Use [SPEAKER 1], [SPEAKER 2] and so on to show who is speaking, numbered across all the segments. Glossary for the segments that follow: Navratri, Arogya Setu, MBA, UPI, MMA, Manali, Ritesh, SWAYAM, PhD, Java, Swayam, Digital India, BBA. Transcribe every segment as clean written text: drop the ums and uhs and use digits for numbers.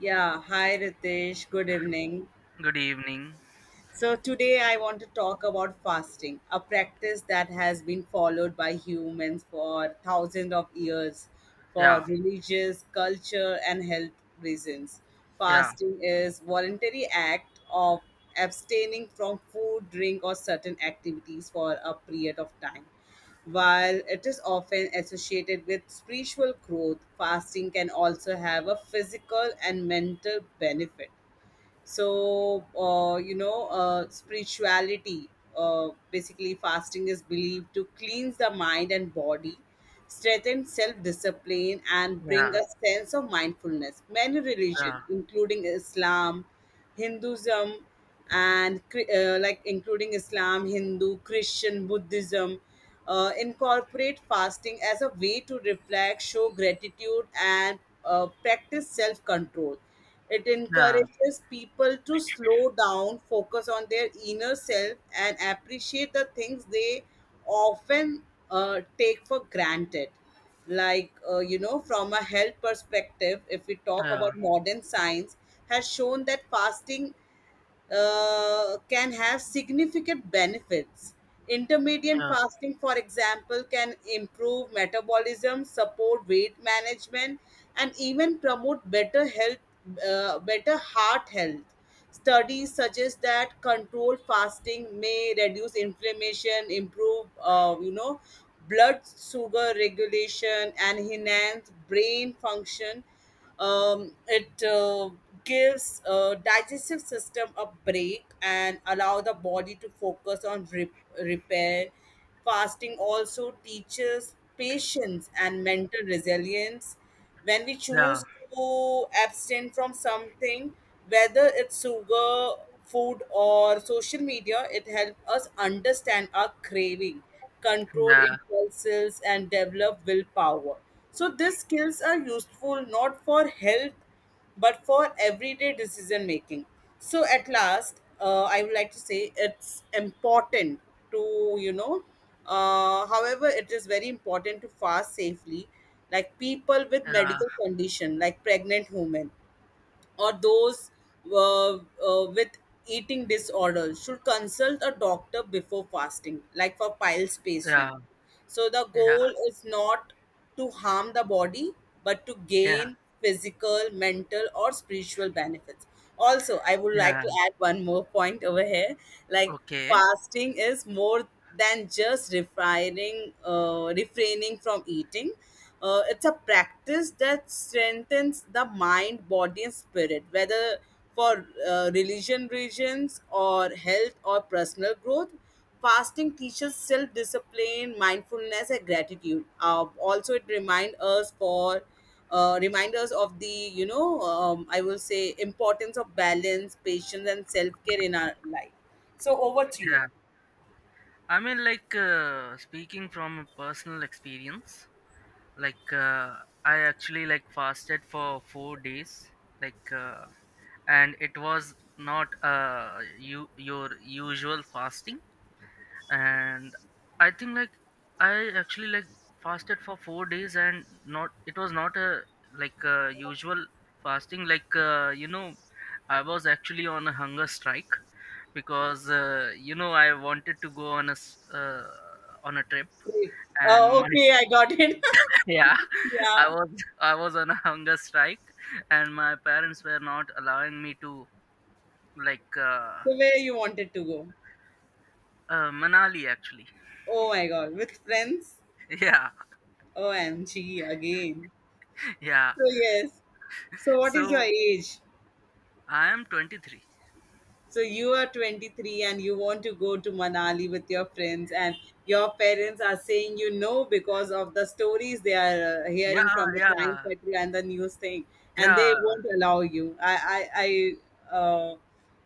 [SPEAKER 1] Yeah, hi Ritesh, good evening.
[SPEAKER 2] Good evening.
[SPEAKER 1] So, today I want to talk about fasting, a practice that has been followed by humans for thousands of years for
[SPEAKER 2] Yeah,
[SPEAKER 1] religious, culture, and health reasons.
[SPEAKER 2] yeah,
[SPEAKER 1] Fasting is voluntary act of abstaining from food, drink, or certain activities for a period of time. While it is often associated with spiritual growth, fasting can also have a physical and mental benefit. So spirituality, basically fasting is believed to cleanse the mind and body, strengthen self-discipline, and bring
[SPEAKER 2] yeah,
[SPEAKER 1] a sense of mindfulness. Many religions
[SPEAKER 2] yeah,
[SPEAKER 1] including Islam, Hinduism, and like including Islam, Hindu, Christian, Buddhism, incorporate fasting as a way to reflect, show gratitude, and practice self-control. It
[SPEAKER 2] yeah,
[SPEAKER 1] encourages people to slow down, focus on their inner self, and appreciate the things they often take for granted. Like, from a health perspective, if we talk
[SPEAKER 2] yeah,
[SPEAKER 1] about modern science, has shown that fasting can have significant benefits. Intermediate fasting, for example, can improve metabolism, support weight management, and even promote better health, better heart health. Studies suggest that controlled fasting may reduce inflammation, improve, blood sugar regulation, and enhance brain function. It gives digestive system a break and allow the body to focus on repair. Fasting also teaches patience and mental resilience. When we
[SPEAKER 2] yeah,
[SPEAKER 1] choose to abstain from something, whether it's sugar, food, or social media, it helps us understand our craving, control
[SPEAKER 2] yeah,
[SPEAKER 1] impulses, and develop willpower. So, these skills are useful not for health but for everyday decision making. So, at last, I would like to say it's important to, you know, however, it is very important to fast safely, like people with
[SPEAKER 2] yeah,
[SPEAKER 1] medical condition, like pregnant women or those with eating disorders should consult a doctor before fasting, like for piles
[SPEAKER 2] yeah, yeah,
[SPEAKER 1] patient. So the
[SPEAKER 2] yeah,
[SPEAKER 1] goal is not to harm the body, but to
[SPEAKER 2] yeah.
[SPEAKER 1] gain physical, mental, or spiritual benefits. Also, I would like
[SPEAKER 2] Yeah.
[SPEAKER 1] to add one more point over here. Like,
[SPEAKER 2] Okay,
[SPEAKER 1] fasting is more than just refraining from eating. It's a practice that strengthens the mind, body, and spirit, whether for religion reasons or health or personal growth. Fasting teaches self discipline, mindfulness, and gratitude. Also, it reminds us for reminders of the, I will say, importance of balance, patience, and self-care in our life. So over to you.
[SPEAKER 2] yeah. I mean, like, speaking from a personal experience, like, I actually like fasted for 4 days, like, and it was not your usual fasting. And I think, like, I actually like fasted for 4 days. And not, it was not a, like, a usual fasting, like, I was actually on a hunger strike, because, I wanted to go on on a trip.
[SPEAKER 1] Great.
[SPEAKER 2] And my.
[SPEAKER 1] Okay, I got it.
[SPEAKER 2] Yeah. i
[SPEAKER 1] Yeah.
[SPEAKER 2] was i was on a hunger strike, and my parents were not allowing me to, like,
[SPEAKER 1] So where you wanted to go?
[SPEAKER 2] Manali actually.
[SPEAKER 1] Oh my god, with friends.
[SPEAKER 2] Yeah,
[SPEAKER 1] OMG. Again.
[SPEAKER 2] yeah.
[SPEAKER 1] So yes. So what is your
[SPEAKER 2] So
[SPEAKER 1] age?
[SPEAKER 2] I am 23.
[SPEAKER 1] So you are 23 and you want to go to Manali with your friends, and your parents are saying you no because of the stories they are
[SPEAKER 2] Yeah,
[SPEAKER 1] hearing from the crime
[SPEAKER 2] yeah,
[SPEAKER 1] petrol and the news thing, and they
[SPEAKER 2] yeah,
[SPEAKER 1] won't allow you. I uh,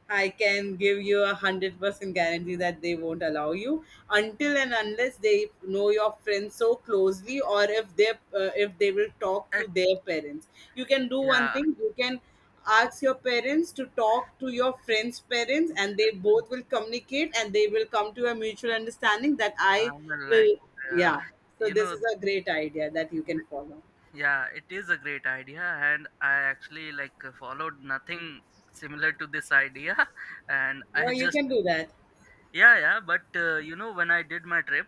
[SPEAKER 1] I can give you 100% guarantee that they won't allow you until and unless they know your friends so closely, or if they will talk to
[SPEAKER 2] it,
[SPEAKER 1] their parents. You can do one
[SPEAKER 2] yeah.
[SPEAKER 1] thing. You can ask your parents to talk to your friend's parents, and they both will communicate and they will come to a mutual understanding that I
[SPEAKER 2] I will, like,
[SPEAKER 1] will.
[SPEAKER 2] uh,
[SPEAKER 1] Yeah, so
[SPEAKER 2] you
[SPEAKER 1] this
[SPEAKER 2] know,
[SPEAKER 1] is a great idea that you can
[SPEAKER 2] th-
[SPEAKER 1] follow.
[SPEAKER 2] yeah, it is a great idea, and I actually, like, followed nothing similar to this idea. And
[SPEAKER 1] No,
[SPEAKER 2] I
[SPEAKER 1] you
[SPEAKER 2] just,
[SPEAKER 1] can do that.
[SPEAKER 2] yeah, yeah. But, when I did my trip,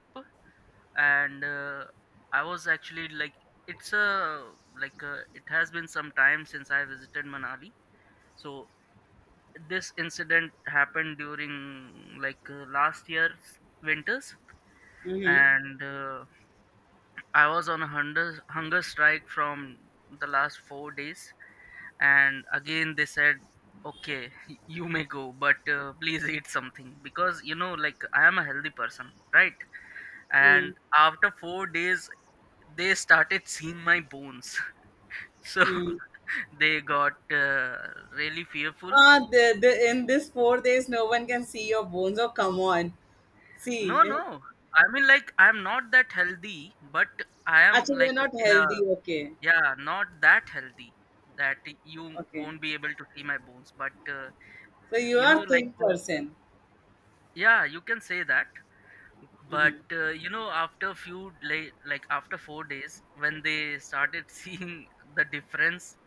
[SPEAKER 2] and, I was actually, like, it's a like, it has been some time since I visited Manali. So this incident happened during, like, last year's winters.
[SPEAKER 1] Mm-hmm.
[SPEAKER 2] And, I was on a hunger strike from the last 4 days. And again, they said, "Okay, you may go, but, please eat something, because, like, I am a healthy person, right?" And after 4 days, they started seeing my bones, so
[SPEAKER 1] Mm-hmm.
[SPEAKER 2] they got, really fearful.
[SPEAKER 1] Ah, in this 4 days no one can see your bones. Oh, come on.
[SPEAKER 2] No,
[SPEAKER 1] See.
[SPEAKER 2] no. I mean, like, I'm not that healthy, but I am
[SPEAKER 1] Actually, you're
[SPEAKER 2] like
[SPEAKER 1] not
[SPEAKER 2] in a.
[SPEAKER 1] healthy, okay.
[SPEAKER 2] Yeah, not that healthy that you
[SPEAKER 1] Okay,
[SPEAKER 2] won't be able to see my bones. But,
[SPEAKER 1] so you are
[SPEAKER 2] like,
[SPEAKER 1] thin person.
[SPEAKER 2] yeah, you can say that. But,
[SPEAKER 1] Hmm.
[SPEAKER 2] after a few, after 4 days, when they started seeing the difference,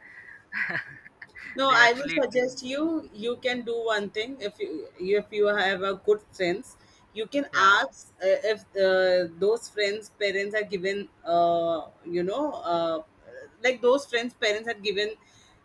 [SPEAKER 1] No,
[SPEAKER 2] they
[SPEAKER 1] I will
[SPEAKER 2] actually told.
[SPEAKER 1] suggest you. You can do one thing if you have a good friends, you can
[SPEAKER 2] Yeah,
[SPEAKER 1] ask, if those friends' parents are given, like those friends' parents had given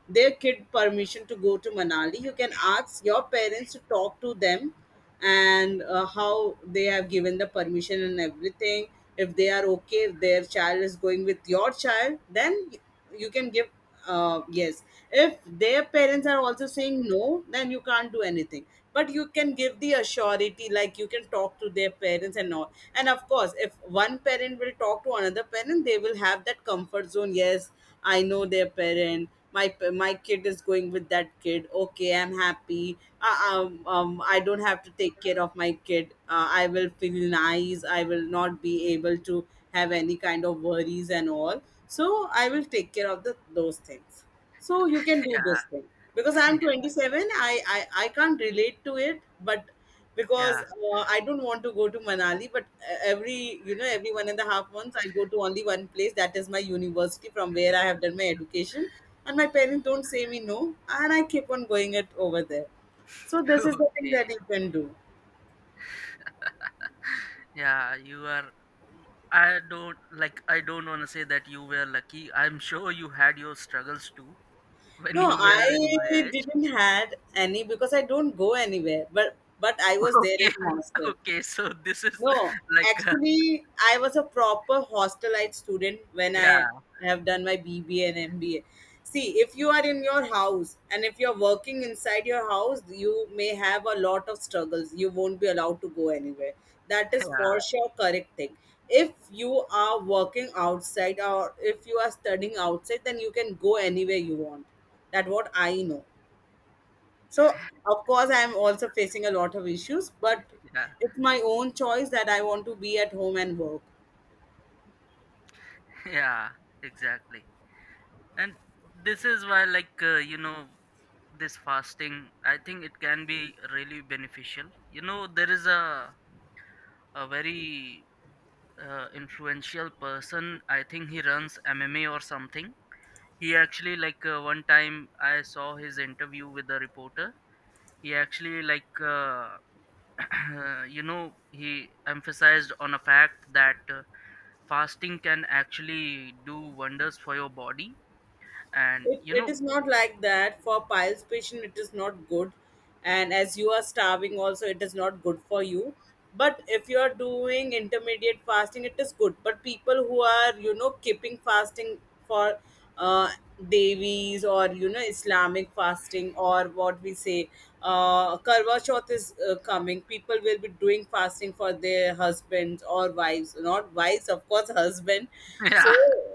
[SPEAKER 1] their kid permission to go to Manali. You can ask your parents to talk to them, and how they have given the permission and everything. If they are okay, if their child is going with your child, then you can give, yes. If their parents are also saying no, then you can't do anything, but you can give the assurity, like you can talk to their parents and all. And of course, if one parent will talk to another parent, they will have that comfort zone. Yes, I know their parent. My my kid is going with that kid. Okay, I'm happy. I don't have to take care of my kid. I will feel nice. I will not be able to have any kind of worries and all. So I will take care of the those things. So you can do
[SPEAKER 2] yeah.
[SPEAKER 1] this thing because I'm 27. I can't relate to it, but because
[SPEAKER 2] Yeah.
[SPEAKER 1] I don't want to go to Manali, but every you know every 1.5 months I go to only one place. That is my university from where I have done my education, and my parents don't say me no, and I keep on going it over there. So this is the thing
[SPEAKER 2] Okay.
[SPEAKER 1] that you can do.
[SPEAKER 2] Yeah, you are. I don't, like, I don't want to say that you were lucky. I'm sure you had your struggles too when
[SPEAKER 1] No,
[SPEAKER 2] you were in
[SPEAKER 1] I
[SPEAKER 2] my age.
[SPEAKER 1] didn't had any because I don't go anywhere. But I was there
[SPEAKER 2] Okay,
[SPEAKER 1] in hostel.
[SPEAKER 2] okay. So this is,
[SPEAKER 1] No,
[SPEAKER 2] like,
[SPEAKER 1] actually, I was a proper hostelite student when I
[SPEAKER 2] yeah,
[SPEAKER 1] have done my BBA and MBA. See, if you are in your house and if you're working inside your house, you may have a lot of struggles. You won't be allowed to go anywhere. That is for
[SPEAKER 2] yeah,
[SPEAKER 1] sure correct thing. If you are working outside or if you are studying outside, then you can go anywhere you want. That what I know. So, of course, I'm also facing a lot of issues, but
[SPEAKER 2] yeah,
[SPEAKER 1] it's my own choice that I want to be at home and work.
[SPEAKER 2] yeah, exactly. And this is why, like, this fasting, I think it can be really beneficial. You know, there is a very, influential person. I think he runs MMA or something. He actually, like, one time I saw his interview with a reporter. He actually, like, he emphasized on a fact that, fasting can actually do wonders for your body. And
[SPEAKER 1] it, it is not like that. For piles patient it is not good, and as you are starving also it is not good for you. But if you are doing intermediate fasting it is good. But people who are, you know, keeping fasting for uh, devis, or you know, islamic fasting, or what we say, karwa chauth is coming, people will be doing fasting for their husbands or wives. Not wives, of course, husband. So
[SPEAKER 2] yeah.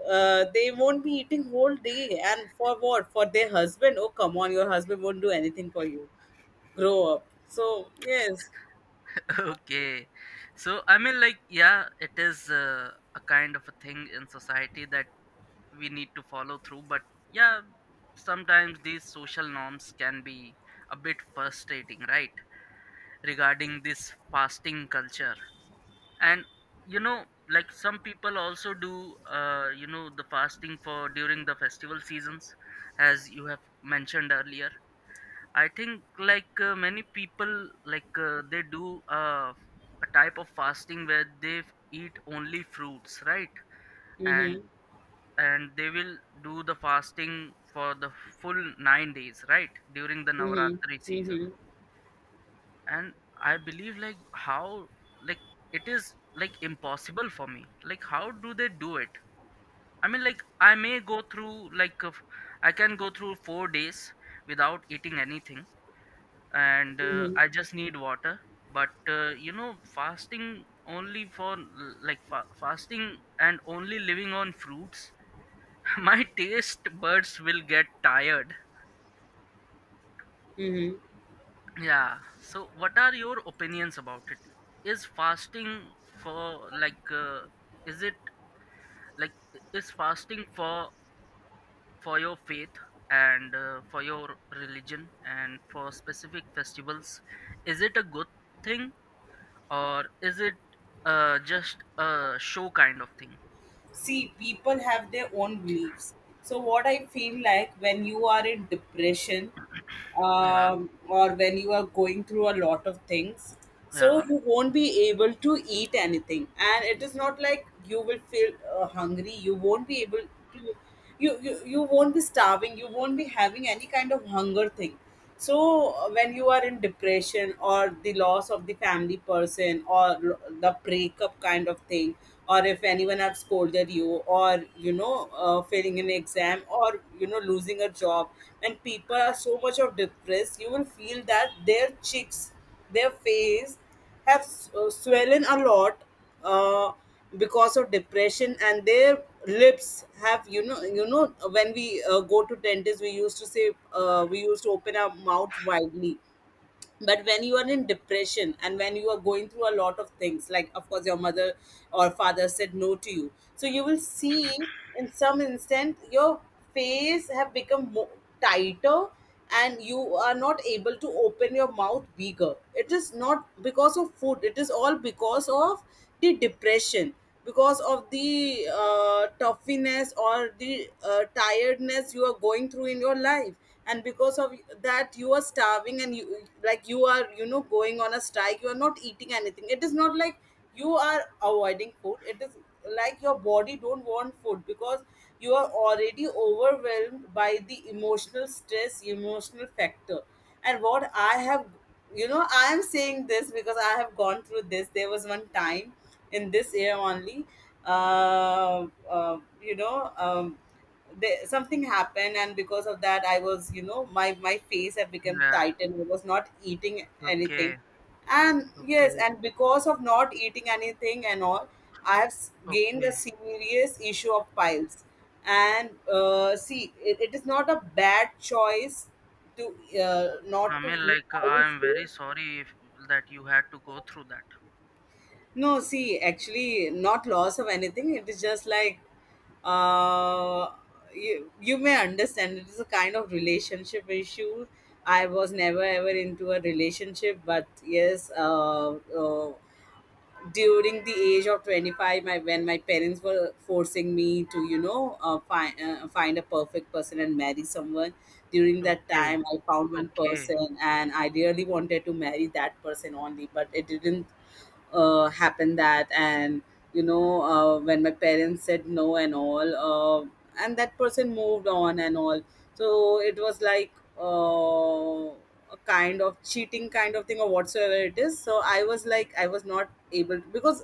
[SPEAKER 1] they won't be eating whole day, and for what? For their husband? Oh, come on, your husband won't do anything for you. Grow up. So yes.
[SPEAKER 2] Okay. So I mean, like, yeah, it is, a kind of a thing in society that we need to follow through, but yeah, sometimes these social norms can be a bit frustrating, right, regarding this fasting culture. And, you know like, some people also do, the fasting for during the festival seasons, as you have mentioned earlier. I think, like, many people, like, they do, a type of fasting where they eat only fruits, right? And
[SPEAKER 1] Mm-hmm.
[SPEAKER 2] and they will do the fasting for the full 9 days, right? During the
[SPEAKER 1] Mm-hmm.
[SPEAKER 2] Navratri season.
[SPEAKER 1] Mm-hmm.
[SPEAKER 2] And I believe, like, how, like, it is like impossible for me. Like, how do they do it? I mean, like, I may go through, like, I can go through 4 days without eating anything. And, I just need water. But, fasting only for l- like fa- fasting and only living on fruits. My taste buds will get tired.
[SPEAKER 1] Mm-hmm.
[SPEAKER 2] Yeah, so what are your opinions about it? Is fasting for, like, is it, like, is fasting for your faith, and, for your religion, and for specific festivals? Is it a good thing? Or is it, just a show kind of thing?
[SPEAKER 1] See, people have their own beliefs. So what I feel, like, when you are in depression,
[SPEAKER 2] Yeah,
[SPEAKER 1] or when you are going through a lot of things, so
[SPEAKER 2] yeah,
[SPEAKER 1] you won't be able to eat anything. And it is not like you will feel hungry, you won't be able to. You won't be starving, you won't be having any kind of hunger thing. So when you are in depression or the loss of the family person or the breakup kind of thing, or if anyone have scolded you, or you know failing an exam, or you know, losing a job, and people are so much of depressed, you will feel that their cheeks, their face have swollen a lot, uh, because of depression. And their lips have, you know, when we go to dentist we used to say, we used to open our mouth widely. But when you are in depression and when you are going through a lot of things, like, of course, your mother or father said no to you, so you will see in some instant your face have become more tighter, and you are not able to open your mouth bigger. It is not because of food, it is all because of the depression. Because of the toughness or the tiredness you are going through in your life, and because of that you are starving, and you, like, you are, you know, going on a strike, you are not eating anything. It is not like you are avoiding food, it is like your body don't want food because you are already overwhelmed by the emotional stress, emotional factor. And what I have, you know, I am saying this because I have gone through this. There was one time in this year only, uh, uh, you know um, there, something happened and because of that I was, you know, my face had become
[SPEAKER 2] yeah.
[SPEAKER 1] tight, and I was not eating anything.
[SPEAKER 2] Okay,
[SPEAKER 1] And
[SPEAKER 2] okay,
[SPEAKER 1] yes, and because of not eating anything and all, I have gained the
[SPEAKER 2] okay.
[SPEAKER 1] serious issue of piles. And see, it is not a bad choice to, not
[SPEAKER 2] I
[SPEAKER 1] to
[SPEAKER 2] mean,
[SPEAKER 1] eat,
[SPEAKER 2] like,
[SPEAKER 1] I will
[SPEAKER 2] I am
[SPEAKER 1] say.
[SPEAKER 2] very sorry if, that you had to go through that.
[SPEAKER 1] No, see, actually, not loss of anything. It is just like, uh, you may understand, it is a kind of relationship issue. I was never ever into a relationship, but yes, during the age of 25, when my parents were forcing me to, you know, find a perfect person and marry someone, during that
[SPEAKER 2] Okay,
[SPEAKER 1] time, I found one
[SPEAKER 2] okay,
[SPEAKER 1] person and I really wanted to marry that person only, but it didn't happen that, and you know, when my parents said no and all, and that person moved on and all, so it was like, uh, a kind of cheating kind of thing or whatsoever it is. So I was like, I was not able to because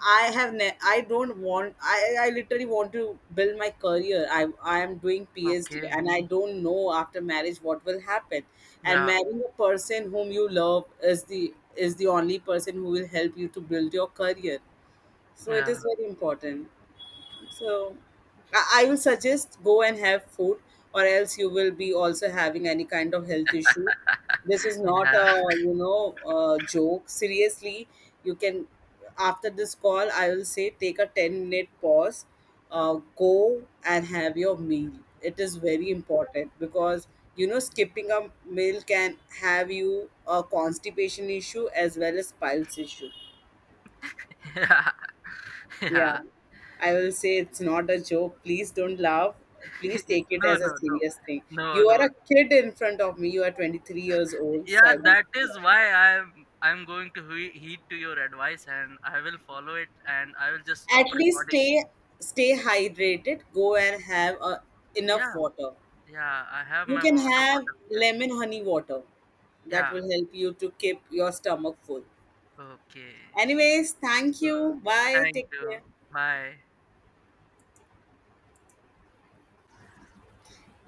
[SPEAKER 1] I have ne- I don't want I literally want to build my career. I am doing PhD
[SPEAKER 2] okay.
[SPEAKER 1] and I don't know after marriage what will happen. And
[SPEAKER 2] Yeah,
[SPEAKER 1] marrying a person whom you love is the only person who will help you to build your career. So it
[SPEAKER 2] yeah,
[SPEAKER 1] is very important. So I will suggest, go and have food, or else you will be also having any kind of health issue. This is not
[SPEAKER 2] yeah,
[SPEAKER 1] a joke. Seriously, you can, after this call, I will say take a 10 minute pause, uh, go and have your meal. It is very important because you know skipping a meal can have you a constipation issue as well as piles issue.
[SPEAKER 2] yeah,
[SPEAKER 1] Yeah,
[SPEAKER 2] yeah.
[SPEAKER 1] I will say, it's not a joke. Please don't laugh. Please take it
[SPEAKER 2] No,
[SPEAKER 1] as a
[SPEAKER 2] no, no,
[SPEAKER 1] serious thing.
[SPEAKER 2] no,
[SPEAKER 1] You are
[SPEAKER 2] no.
[SPEAKER 1] a kid in front of me. You are 23 years old, so
[SPEAKER 2] Yeah,
[SPEAKER 1] I want
[SPEAKER 2] that is why I'm going to heed to your advice, and I will follow it, and I will just
[SPEAKER 1] at
[SPEAKER 2] stop
[SPEAKER 1] least
[SPEAKER 2] recording.
[SPEAKER 1] stay hydrated. Go and have enough
[SPEAKER 2] Yeah.
[SPEAKER 1] water.
[SPEAKER 2] Yeah, I have
[SPEAKER 1] You
[SPEAKER 2] my
[SPEAKER 1] can
[SPEAKER 2] water
[SPEAKER 1] have
[SPEAKER 2] bottle here.
[SPEAKER 1] lemon honey water. That
[SPEAKER 2] Yeah,
[SPEAKER 1] will help you to keep your stomach full.
[SPEAKER 2] okay.
[SPEAKER 1] Anyways, thank
[SPEAKER 2] So,
[SPEAKER 1] you. Bye.
[SPEAKER 2] thank
[SPEAKER 1] Take care.
[SPEAKER 2] you. Bye.